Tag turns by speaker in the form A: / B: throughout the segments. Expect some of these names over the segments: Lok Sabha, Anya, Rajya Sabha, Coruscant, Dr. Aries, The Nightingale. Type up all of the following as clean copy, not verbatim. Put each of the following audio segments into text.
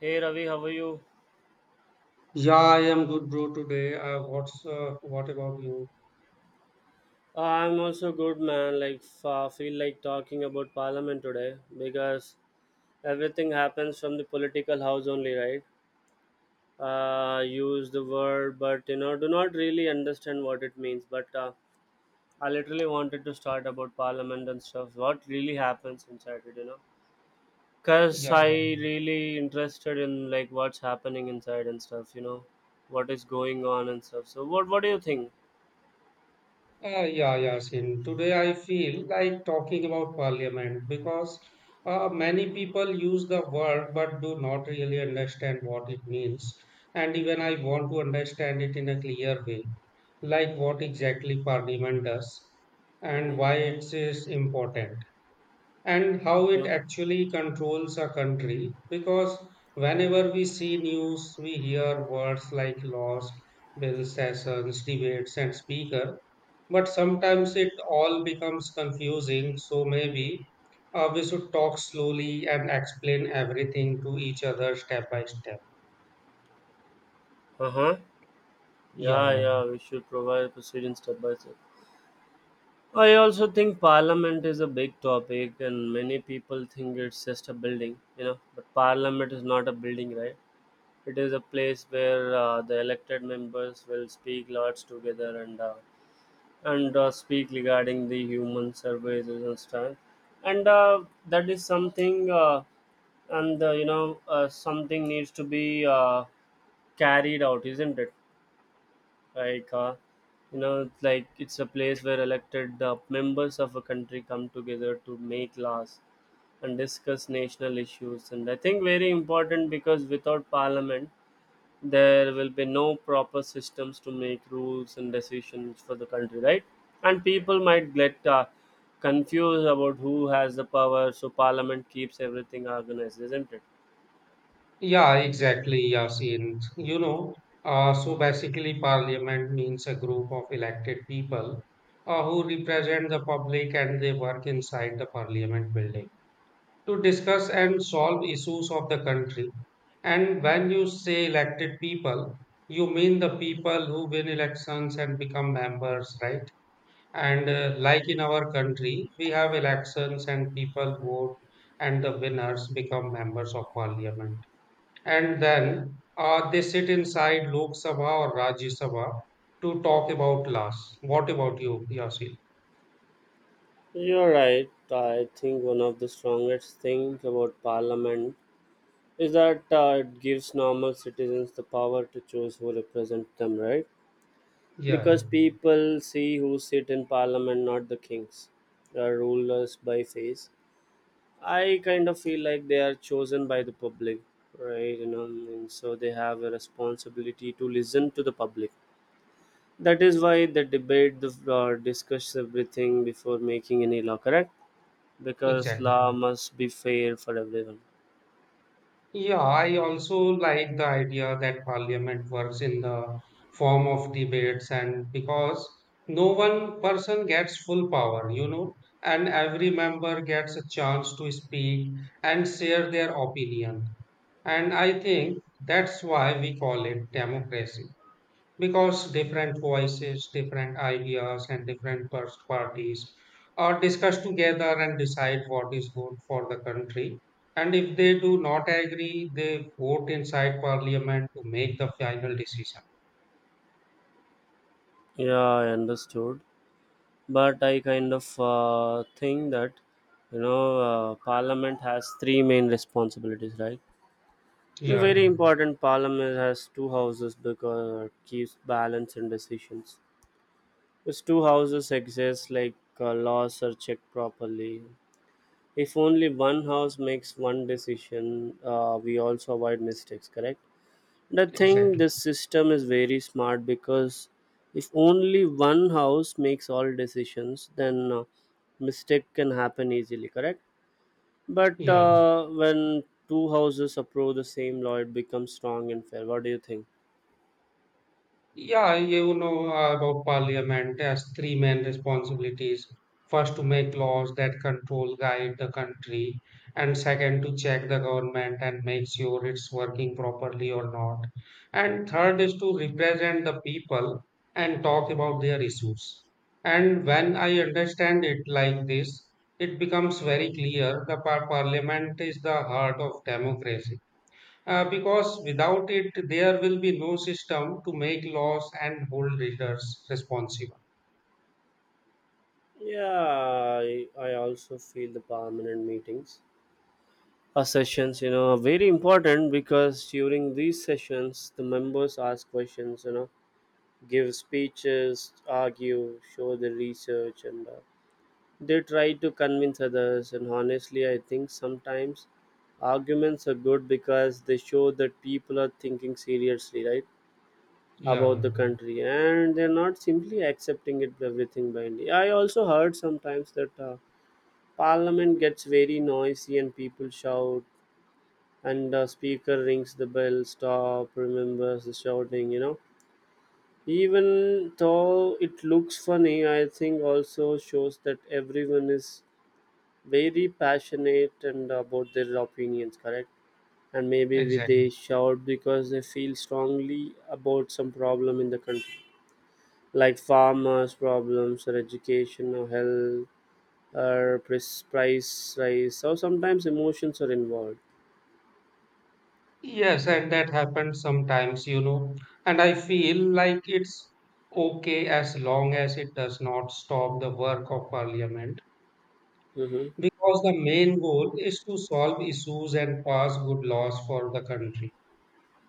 A: Hey Ravi, how are you?
B: Yeah, I am good, bro. Today, what about you?
A: I'm also good, man. Like, I feel like talking about Parliament today because everything happens from the political house only, right? Use the word, but you know, do not really understand what it means. But I literally wanted to start about Parliament and stuff. What really happens inside it, you know? Cause I
B: Yeah,
A: really interested in like what's happening inside and stuff. You know, what is going on and stuff. So, what do you think?
B: yeah, yeah, yeah. Sin. Today, I feel like talking about parliament because many people use the word but do not really understand what it means. And even I want to understand it in a clear way, like what exactly parliament does and
A: Mm-hmm.
B: why it is important. And how it
A: Okay.
B: actually controls a country because whenever we see news we hear words like lost bill sessions debates and speaker, but sometimes it all becomes confusing. So maybe we should talk slowly and explain everything to each other step by step.
A: Uh huh.
B: Yeah,
A: Yeah,
B: yeah.
A: yeah, we should provide proceeding step by step. I also think parliament is a big topic, and many people think it's just a building, you know. But parliament is not a building, right? It is a place where the elected members will speak lots together and speak regarding the human services and stuff. And That is something, something needs to be carried out, isn't it? like uh, like it's a place where elected members of a country come together to make laws and discuss national issues, and I think very important because without parliament there will be no proper systems to make rules and decisions for the country, right? And people might get confused about who has the power, so parliament keeps everything organized, isn't it?
B: Yeah, exactly, Yasin. You know, so basically, parliament means a group of elected people who represent the public, and they work inside the parliament building to discuss and solve issues of the country. And when you say elected people, you mean the people who win elections and become members, right? And like in our country, we have elections and people vote, and the winners become members of parliament, and then they sit inside Lok Sabha or Rajya Sabha to talk about laws. What about you, Yasil?
A: You're right. I think one of the strongest things about parliament is that it gives normal citizens the power to choose who represent them, right?
B: Yeah,
A: Because people see who sit in parliament, not the kings, the rulers by face. I kind of feel like they are chosen by the public, right? You know, and so they have a responsibility to listen to the public. That is why they debate, the discuss everything before making any law, correct? Because
B: exactly.
A: law must be fair for everyone.
B: Yeah, I also like the idea that parliament works in the form of debates, and because no one person gets full power, you know, and every member gets a chance to speak and share their opinion. And I think that's why we call it democracy. Because different voices, different ideas, and different parties are discussed together and decide what is good for the country. And if they do not agree, they vote inside parliament to make the final decision.
A: Yeah, I understood. But I kind of think that, you know, parliament has three main responsibilities, right?
B: Yeah,
A: I mean,
B: yeah,
A: very important, parliament has two houses because it keeps balance in decisions. These two houses exist like laws are checked properly. If only one house makes one decision, we also avoid mistakes, correct? The thing,
B: exactly.
A: this system is very smart because if only one house makes all decisions, then mistake can happen easily. Correct. But
B: Yeah.
A: when two houses approve the same law, it becomes strong and fair. What do you think?
B: Yeah, you know, about parliament has three main responsibilities. First, to make laws that control, guide the country, and second, to check the government and make sure it's working properly or not. And third is to represent the people and talk about their issues. And when I understand it like this, it becomes very clear the parliament is the heart of democracy. Because without it, there will be no system to make laws and hold readers responsible.
A: Yeah, I also feel the permanent meetings. Our sessions, you know, are very important because during these sessions, the members ask questions, you know, give speeches, argue, show the research, and they try to convince others, and honestly, I think sometimes arguments are good because they show that people are thinking seriously, right,
B: Yeah,
A: about
B: yeah.
A: the country, and they're not simply accepting it everything blindly. I also heard sometimes that parliament gets very noisy and people shout, and the speaker rings the bell, stop, remembers the shouting, you know. Even though it looks funny, I think also shows that everyone is very passionate and about their opinions, correct? And maybe
B: Exactly.
A: they shout because they feel strongly about some problem in the country, like farmers problems or education or health or price rise. So sometimes emotions are involved.
B: Yes, and that happens sometimes, you know. And I feel like it's okay as long as it does not stop the work of parliament,
A: Mm-hmm.
B: because the main goal is to solve issues and pass good laws for the country.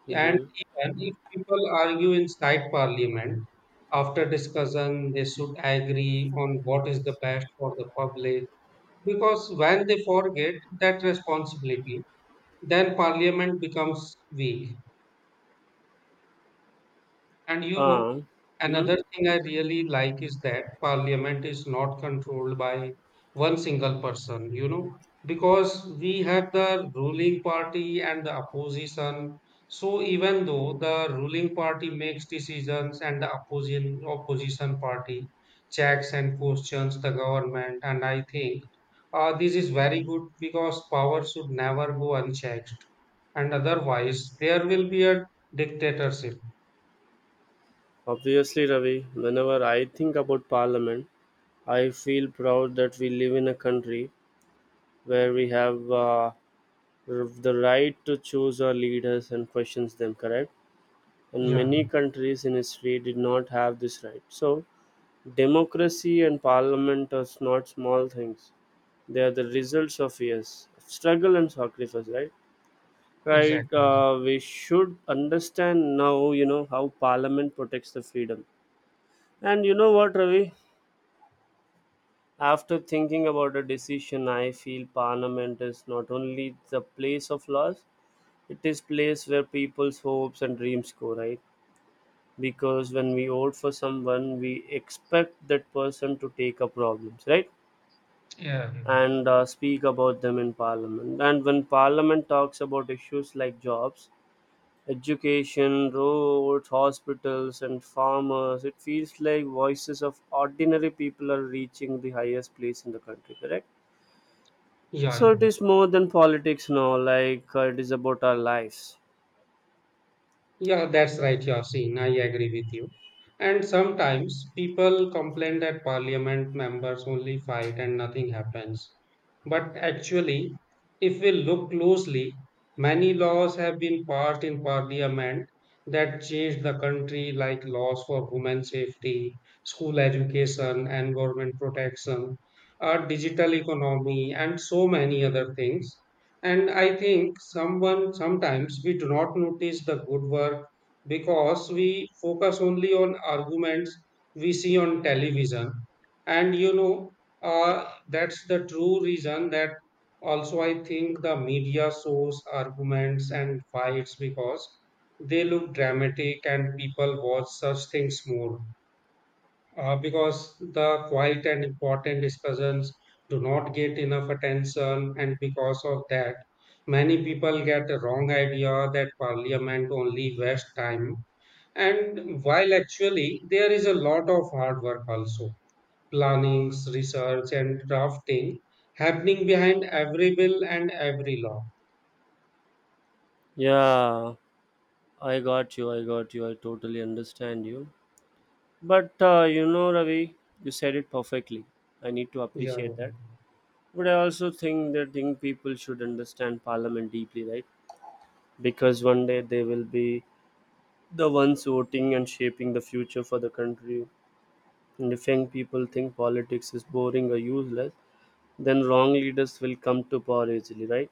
B: Yeah, and
A: Mm-hmm.
B: even if people argue inside parliament, after discussion, they should agree on what is the best for the public. Because when they forget that responsibility, then parliament becomes weak. And you know,
A: Uh, mm-hmm.
B: another thing I really like is that parliament is not controlled by one single person, you know, because we have the ruling party and the opposition. So even though the ruling party makes decisions and the opposition party checks and questions the government, and I think this is very good because power should never go unchecked, and otherwise there will be a dictatorship.
A: Obviously, Ravi, whenever I think about parliament, I feel proud that we live in a country where we have the right to choose our leaders and questions them, correct? And
B: Yeah,
A: many countries in history did not have this right, so democracy and parliament are not small things. They are the results of years of struggle and sacrifice, right? Right,
B: exactly.
A: we should understand now, you know, how parliament protects the freedom. And you know what, Ravi, after thinking about a decision, I feel parliament is not only the place of laws. It is place where people's hopes and dreams go, right? Because when we vote for someone, we expect that person to take up problems, right?
B: Yeah,
A: And speak about them in parliament, and when parliament talks about issues like jobs, education, roads, hospitals, and farmers, it feels like voices of ordinary people are reaching the highest place in the country, correct? So
B: yeah,
A: it is more than politics now, like it is about our lives.
B: yeah, that's right, Yasin. I agree with you. And sometimes people complain that parliament members only fight and nothing happens. But actually, if we look closely, many laws have been passed in parliament that changed the country, like laws for women safety, school education, environment protection, our digital economy, and so many other things. And I think someone sometimes we do not notice the good work because we focus only on arguments we see on television. And you know, that's the true reason that also I think the media shows arguments and fights because they look dramatic and people watch such things more because the quiet and important discussions do not get enough attention, and because of that, many people get the wrong idea that parliament only wastes time. And while actually there is a lot of hard work also, plannings, research, and drafting happening behind every bill and every law.
A: Yeah, I got you. I got you. I totally understand you. But you know, Ravi, you said it perfectly. I need to
B: Yeah, yeah,
A: appreciate that. But I also think that think people should understand Parliament deeply, right? Because one day they will be the ones voting and shaping the future for the country. And if young people think politics is boring or useless, then wrong leaders will come to power easily, right?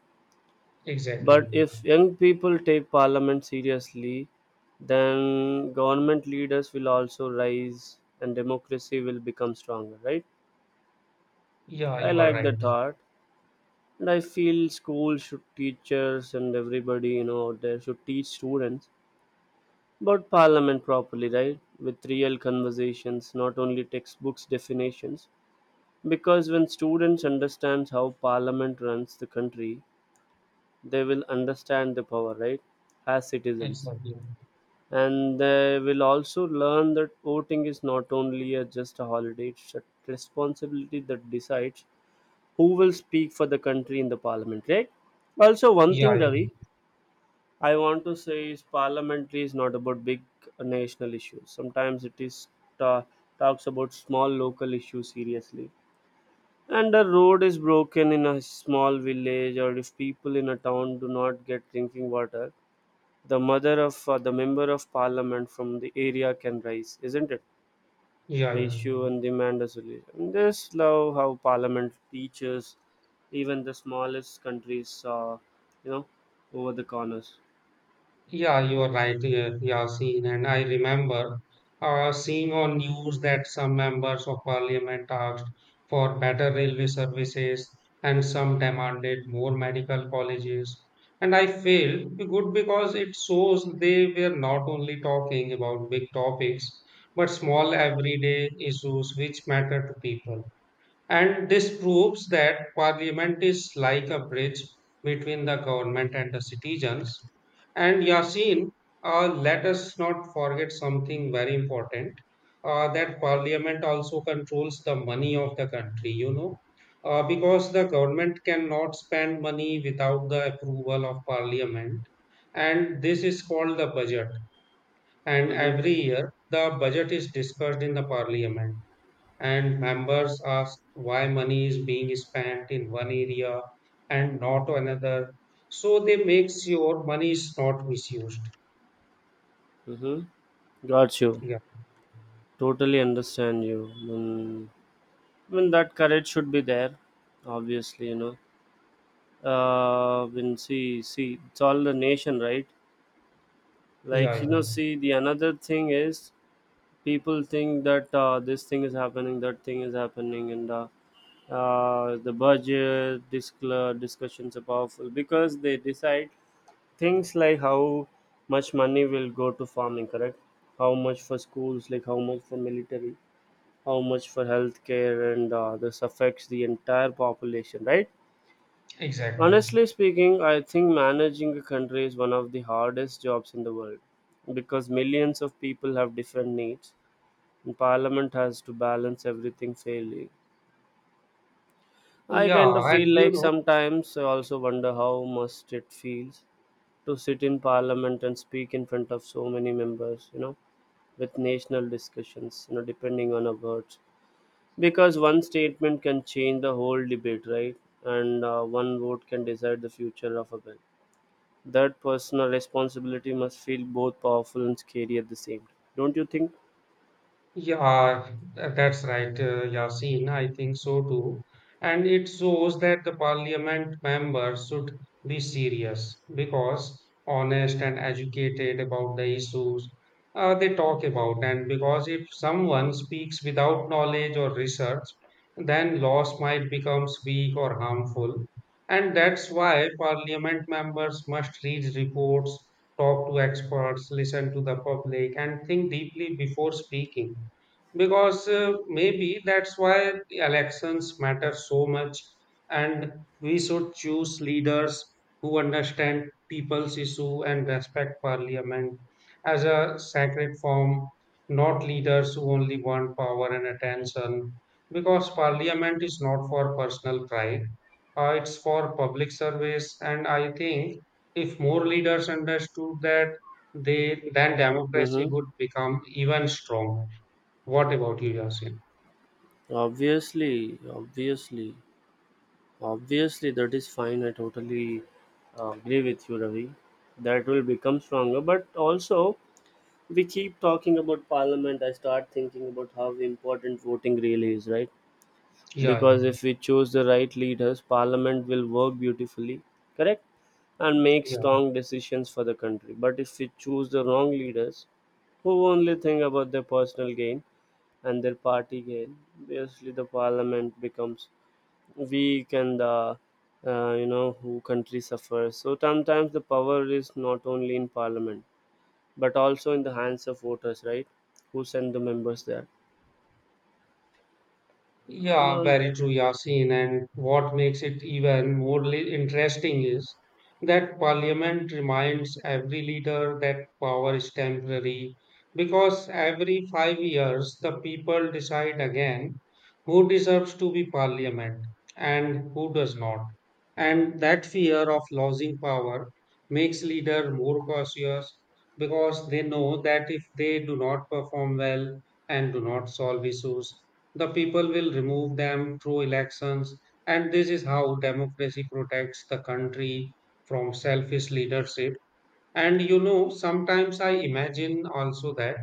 B: exactly.
A: But if young people take parliament seriously, then government leaders will also rise and democracy will become stronger, right?
B: Yeah,
A: I
B: you are
A: like
B: right.
A: that thought. And I feel schools should teachers and everybody, you know, out there should teach students about parliament properly, right? With real conversations, not only textbooks definitions. Because when students understand how parliament runs the country, they will understand the power, right? As citizens,
B: Exactly.
A: and they will also learn that voting is not only a, just a holiday, it's a responsibility that decides who will speak for the country in the parliament, right? Also one
B: Yeah,
A: thing,
B: yeah,
A: Ravi, I want to say is parliamentary is not about big national issues. Sometimes it is ta- talks about small local issues seriously, and a road is broken in a small village, or if people in a town do not get drinking water, the mother of the member of parliament from the area can rise, isn't it?
B: yeah, yeah.
A: Ratio and demand a solution. This love how parliament teaches even the smallest countries, you know, over the corners.
B: Yeah, you are right, yeah, Yasin. And I remember seeing on news that some members of parliament asked for better railway services, and some demanded more medical colleges. And I feel good because it shows they were not only talking about big topics, but small everyday issues which matter to people. And this proves that parliament is like a bridge between the government and the citizens. And Yasin, let us not forget something very important that parliament also controls the money of the country, you know, because the government cannot spend money without the approval of parliament. And this is called the budget. And
A: Mm-hmm.
B: every year, the budget is discussed in the parliament and members ask why money is being spent in one area and not another. So they make sure money is not misused.
A: Mm-hmm. Got you.
B: Yeah,
A: Totally understand you. Mm. I mean, that courage should be there, obviously, you know. When see, it's all the nation, right?
B: yeah,
A: Like, you
B: yeah,
A: know, see, the another thing is people think that this thing is happening, that thing is happening, and the budget discla discussions are powerful because they decide things like how much money will go to farming, correct? How much for schools, like how much for military, how much for healthcare, and this affects the entire population, right?
B: exactly.
A: Honestly speaking, I think managing a country is one of the hardest jobs in the world because millions of people have different needs. Parliament has to balance everything fairly. I kind of
B: Yeah, and
A: feel
B: you
A: like
B: know,
A: sometimes I also wonder how must it feels to sit in Parliament and speak in front of so many members, you know, with national discussions, you know, depending on our words. Because one statement can change the whole debate, right? And one vote can decide the future of a bill. That personal responsibility must feel both powerful and scary at the same time. Don't you think?
B: Yeah, th- that's right, Yasin. I think so too. And it shows that the parliament members should be serious because honest and educated about the issues they talk about. And because if someone speaks without knowledge or research, then laws might become weak or harmful. And that's why parliament members must read reports, talk to experts, listen to the public, and think deeply before speaking, because maybe that's why the elections matter so much, and we should choose leaders who understand people's issue and respect parliament as a sacred form, not leaders who only want power and attention, because parliament is not for personal pride. It's for public service, and I think if more leaders understood that, they then democracy
A: Mm-hmm.
B: would become even stronger. What about you, Yasin?
A: Obviously, obviously. Obviously, that is fine. I totally agree with you, Ravi. That will become stronger. But also, we keep talking about parliament. I start thinking about how important voting really is, right?
B: Yeah, yeah,
A: Because if we choose the right leaders, parliament will work beautifully, correct? And make
B: yeah.
A: strong decisions for the country. But if we choose the wrong leaders, who only think about their personal gain and their party gain, obviously the parliament becomes weak and the you know who country suffers. So sometimes the power is not only in parliament but also in the hands of voters, right? Who send the members there and
B: Yeah, very true, Yasin. And what makes it even more interesting is that Parliament reminds every leader that power is temporary, because every 5 years the people decide again who deserves to be Parliament and who does not. And that fear of losing power makes leader more cautious, because they know that if they do not perform well and do not solve issues, the people will remove them through elections, and this is how democracy protects the country from selfish leadership. And you know, sometimes I imagine also that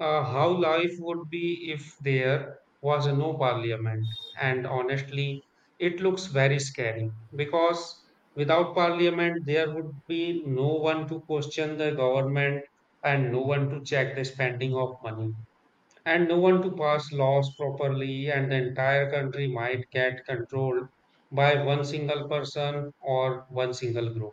B: how life would be if there was no parliament. And honestly, it looks very scary because without parliament, there would be no one to question the government, and no one to check the spending of money, and no one to pass laws properly, and the entire country might get controlled by one single person or one single group.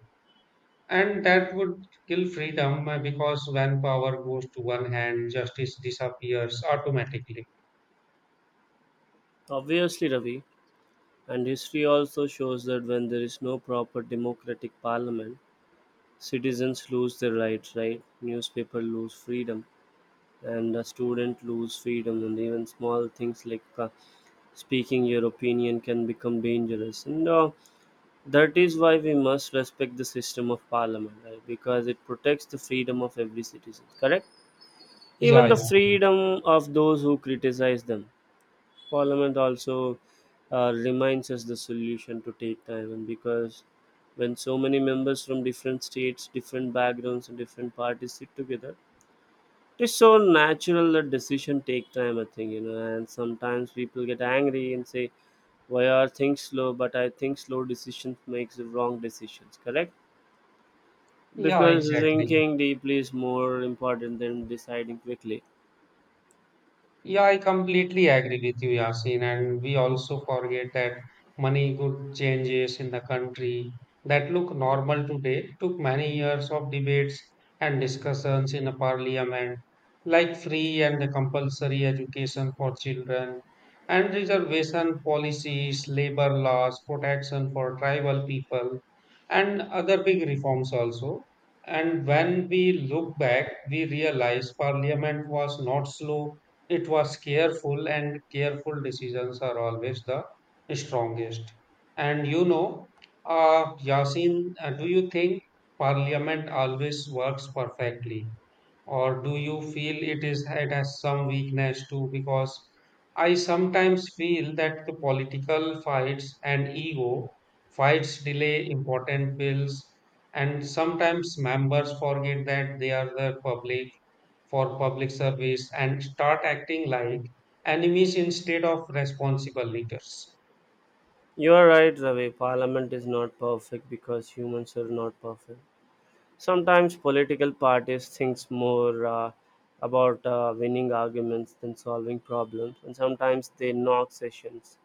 B: And that would kill freedom, because when power goes to one hand, justice disappears automatically.
A: obviously, Ravi, and history also shows that when there is no proper democratic parliament, citizens lose their rights, right? Newspaper lose freedom, and a student lose freedom, and even small things like speaking your opinion can become dangerous, and that is why we must respect the system of parliament, right? Because it protects the freedom of every citizen, correct?
B: Yeah,
A: Even the
B: yeah,
A: freedom of those who criticize them. Parliament also reminds us the solution to take time, and because when so many members from different states, different backgrounds, and different parties sit together, it's so natural that decision take time. I think, you know, and sometimes people get angry and say, "Why are things slow?" But I think slow decisions makes the wrong decisions. Correct.
B: yeah,
A: Because
B: exactly.
A: thinking deeply is more important than deciding quickly.
B: Yeah, I completely agree with you, Yasin. And we also forget that money good changes in the country that look normal today took many years of debates and discussions in a parliament, like free and compulsory education for children, and reservation policies, labor laws, protection for tribal people, and other big reforms also. And when we look back, we realize parliament was not slow, it was careful, and careful decisions are always the strongest. And you know, Yasin, do you think Parliament always works perfectly? Or do you feel it has some weakness too, because I sometimes feel that the political fights and ego fights delay important bills, and sometimes members forget that they are the public for public service and start acting like enemies instead of responsible leaders.
A: You are right, Ravi. Parliament is not perfect because humans are not perfect. Sometimes political parties thinks more about winning arguments than solving problems, and sometimes they knock sessions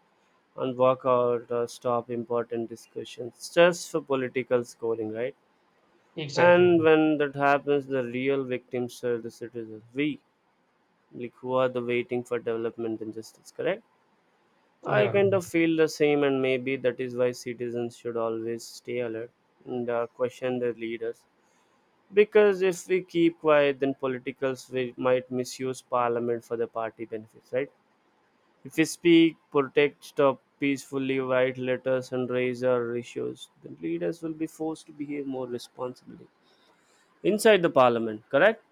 A: and walk out or stop important discussions just for political scoring, right? And
B: Exactly.
A: when that happens, the real victims are the citizens. We, like, who are the waiting for development and justice, correct? I
B: Yeah,
A: kind of feel the same, and maybe that is why citizens should always stay alert and question their leaders. Because if we keep quiet, then politicals might misuse parliament for their party benefits, right? If we speak, protect, stop peacefully, write letters, and raise our issues, then leaders will be forced to behave more responsibly inside the parliament, correct?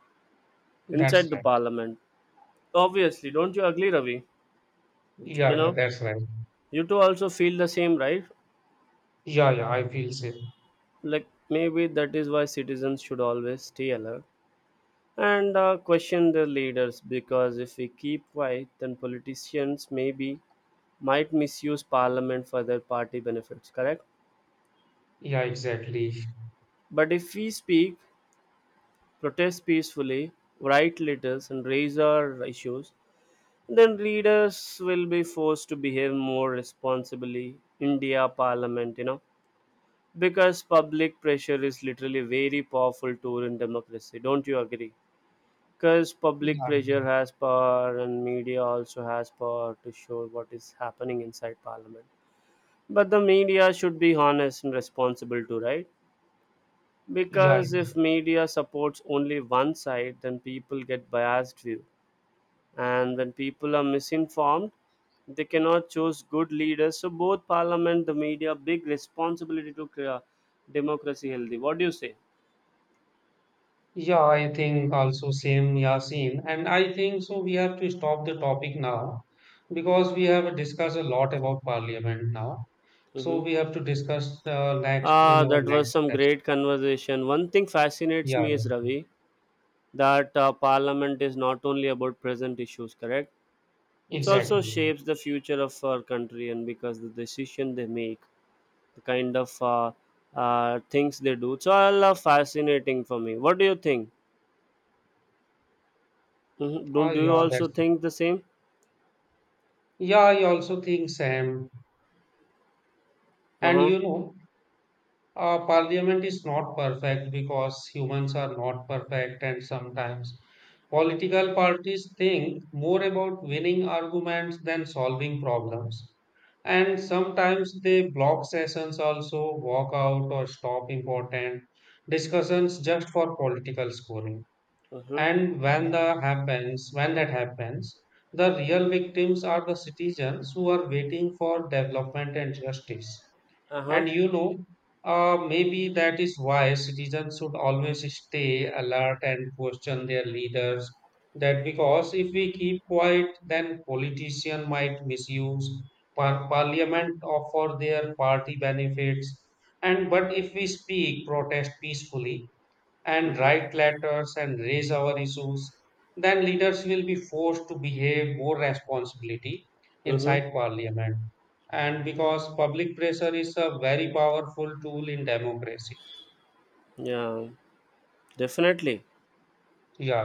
B: that's
A: Inside the
B: right.
A: parliament, obviously, don't you agree, Ravi?
B: Yeah,
A: You
B: yeah,
A: know,
B: that's right.
A: you two also feel the same, right?
B: Yeah, yeah, I feel same.
A: Like, maybe that is why citizens should always stay alert and question their leaders, because if we keep quiet, then politicians maybe might misuse parliament for their party benefits, correct?
B: Yeah, exactly.
A: But if we speak, protest peacefully, write letters, and raise our issues, then leaders will be forced to behave more responsibly india parliament, you know, because public pressure is literally very powerful tool in democracy, don't you agree? Because public
B: yeah
A: pressure has power and media also has power to show what is happening inside parliament, but the media should be honest and responsible too, right?
B: yeah
A: Because
B: yeah.
A: if media supports only one side, then people get biased view, and when people are misinformed, they cannot choose good leaders. So both parliament the media big responsibility to democracy healthy. What do you say?
B: Yeah, I think also same, Yasin. And I think so we have to stop the topic now because we have discussed a lot about parliament now.
A: Hmm.
B: So we have to discuss next in
A: Ah,
B: our
A: that was
B: next
A: some
B: session.
A: great conversation. One thing fascinates
B: Yeah,
A: me is
B: yeah,
A: Ravi. That parliament is not only about present issues, correct? It also
B: exactly.
A: shapes the future of our country, and because the decision they make, the kind of things they do, it's all fascinating for me. What do you think? Mm-hmm. do, do you
B: Yeah, that's
A: also think the same?
B: yeah, I also think same. And
A: Uh-huh.
B: you know, parliament is not perfect because humans are not perfect, and sometimes political parties think more about winning arguments than solving problems. And sometimes they block sessions, also walk out or stop important discussions just for political scoring.
A: Uh-huh.
B: And when that happens, the real victims are the citizens who are waiting for development and justice. And
A: Uh-huh.
B: you know, maybe that is why citizens should always stay alert and question their leaders. That because if we keep quiet, then politicians might misuse parliament or for their party benefits. And but if we speak, protest peacefully, and
A: Mm-hmm.
B: write letters and raise our issues, then leaders will be forced to behave more responsibility
A: Mm-hmm.
B: inside parliament. And because public pressure is a very powerful tool in democracy.
A: Yeah, definitely.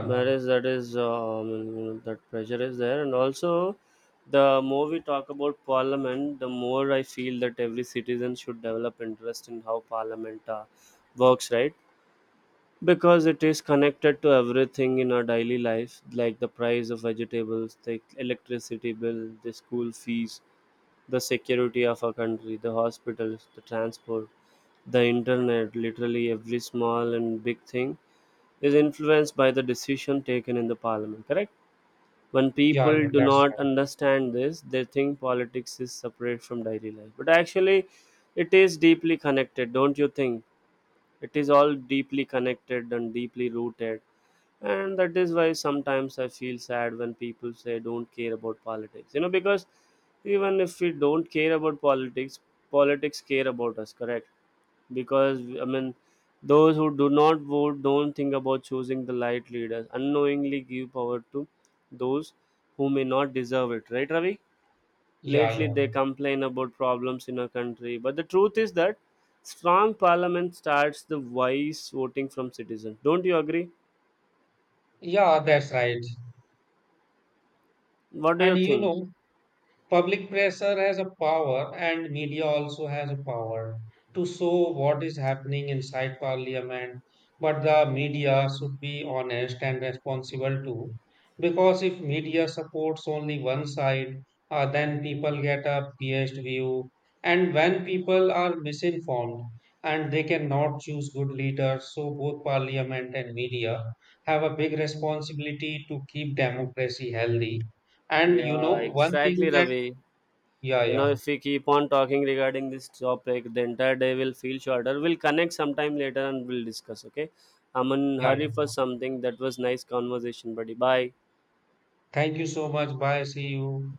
A: That is, that is, you know, that pressure is there, and also the more we talk about parliament, the more I feel that every citizen should develop interest in how parliament works, right? Because it is connected to everything in our daily life, like the price of vegetables, the electricity bill, the school fees, the security of our country, the hospitals, the transport, the internet, literally every small and big thing is influenced by the decision taken in the parliament, correct? When
B: yeah,
A: people do
B: that's
A: not
B: right.
A: understand this, they think politics is separate from daily life, but actually it is deeply connected, don't you think? It is all deeply connected and deeply rooted, and that is why sometimes I feel sad when people say don't care about politics, you know, because even if we don't care about politics, politics care about us, correct? Because I mean, those who do not vote, don't think about choosing the light leaders, unknowingly give power to those who may not deserve it, right, Ravi?
B: Yeah,
A: Lately they
B: yeah,
A: complain about problems in our country, but the truth is that strong parliament starts the wise voting from citizens, don't you agree?
B: yeah, that's right.
A: What do
B: And
A: you
B: you
A: think?
B: know, public pressure has a power and media also has a power to show what is happening inside parliament, but the media should be honest and responsible too, because if media supports only one side, then people get a biased view, and when people are misinformed, and they cannot choose good leaders. So both parliament and media have a big responsibility to keep democracy healthy. And you know,
A: Yeah,
B: one thing
A: exactly,
B: that
A: Ravi.
B: yeah,
A: You know,
B: yeah,
A: if we keep on talking regarding this topic, the entire day will feel shorter. We'll connect sometime later and we'll discuss, okay? I'm in
B: yeah, yeah.
A: hurry for something. That was nice conversation, buddy. Bye.
B: Thank you so much. Bye. See you.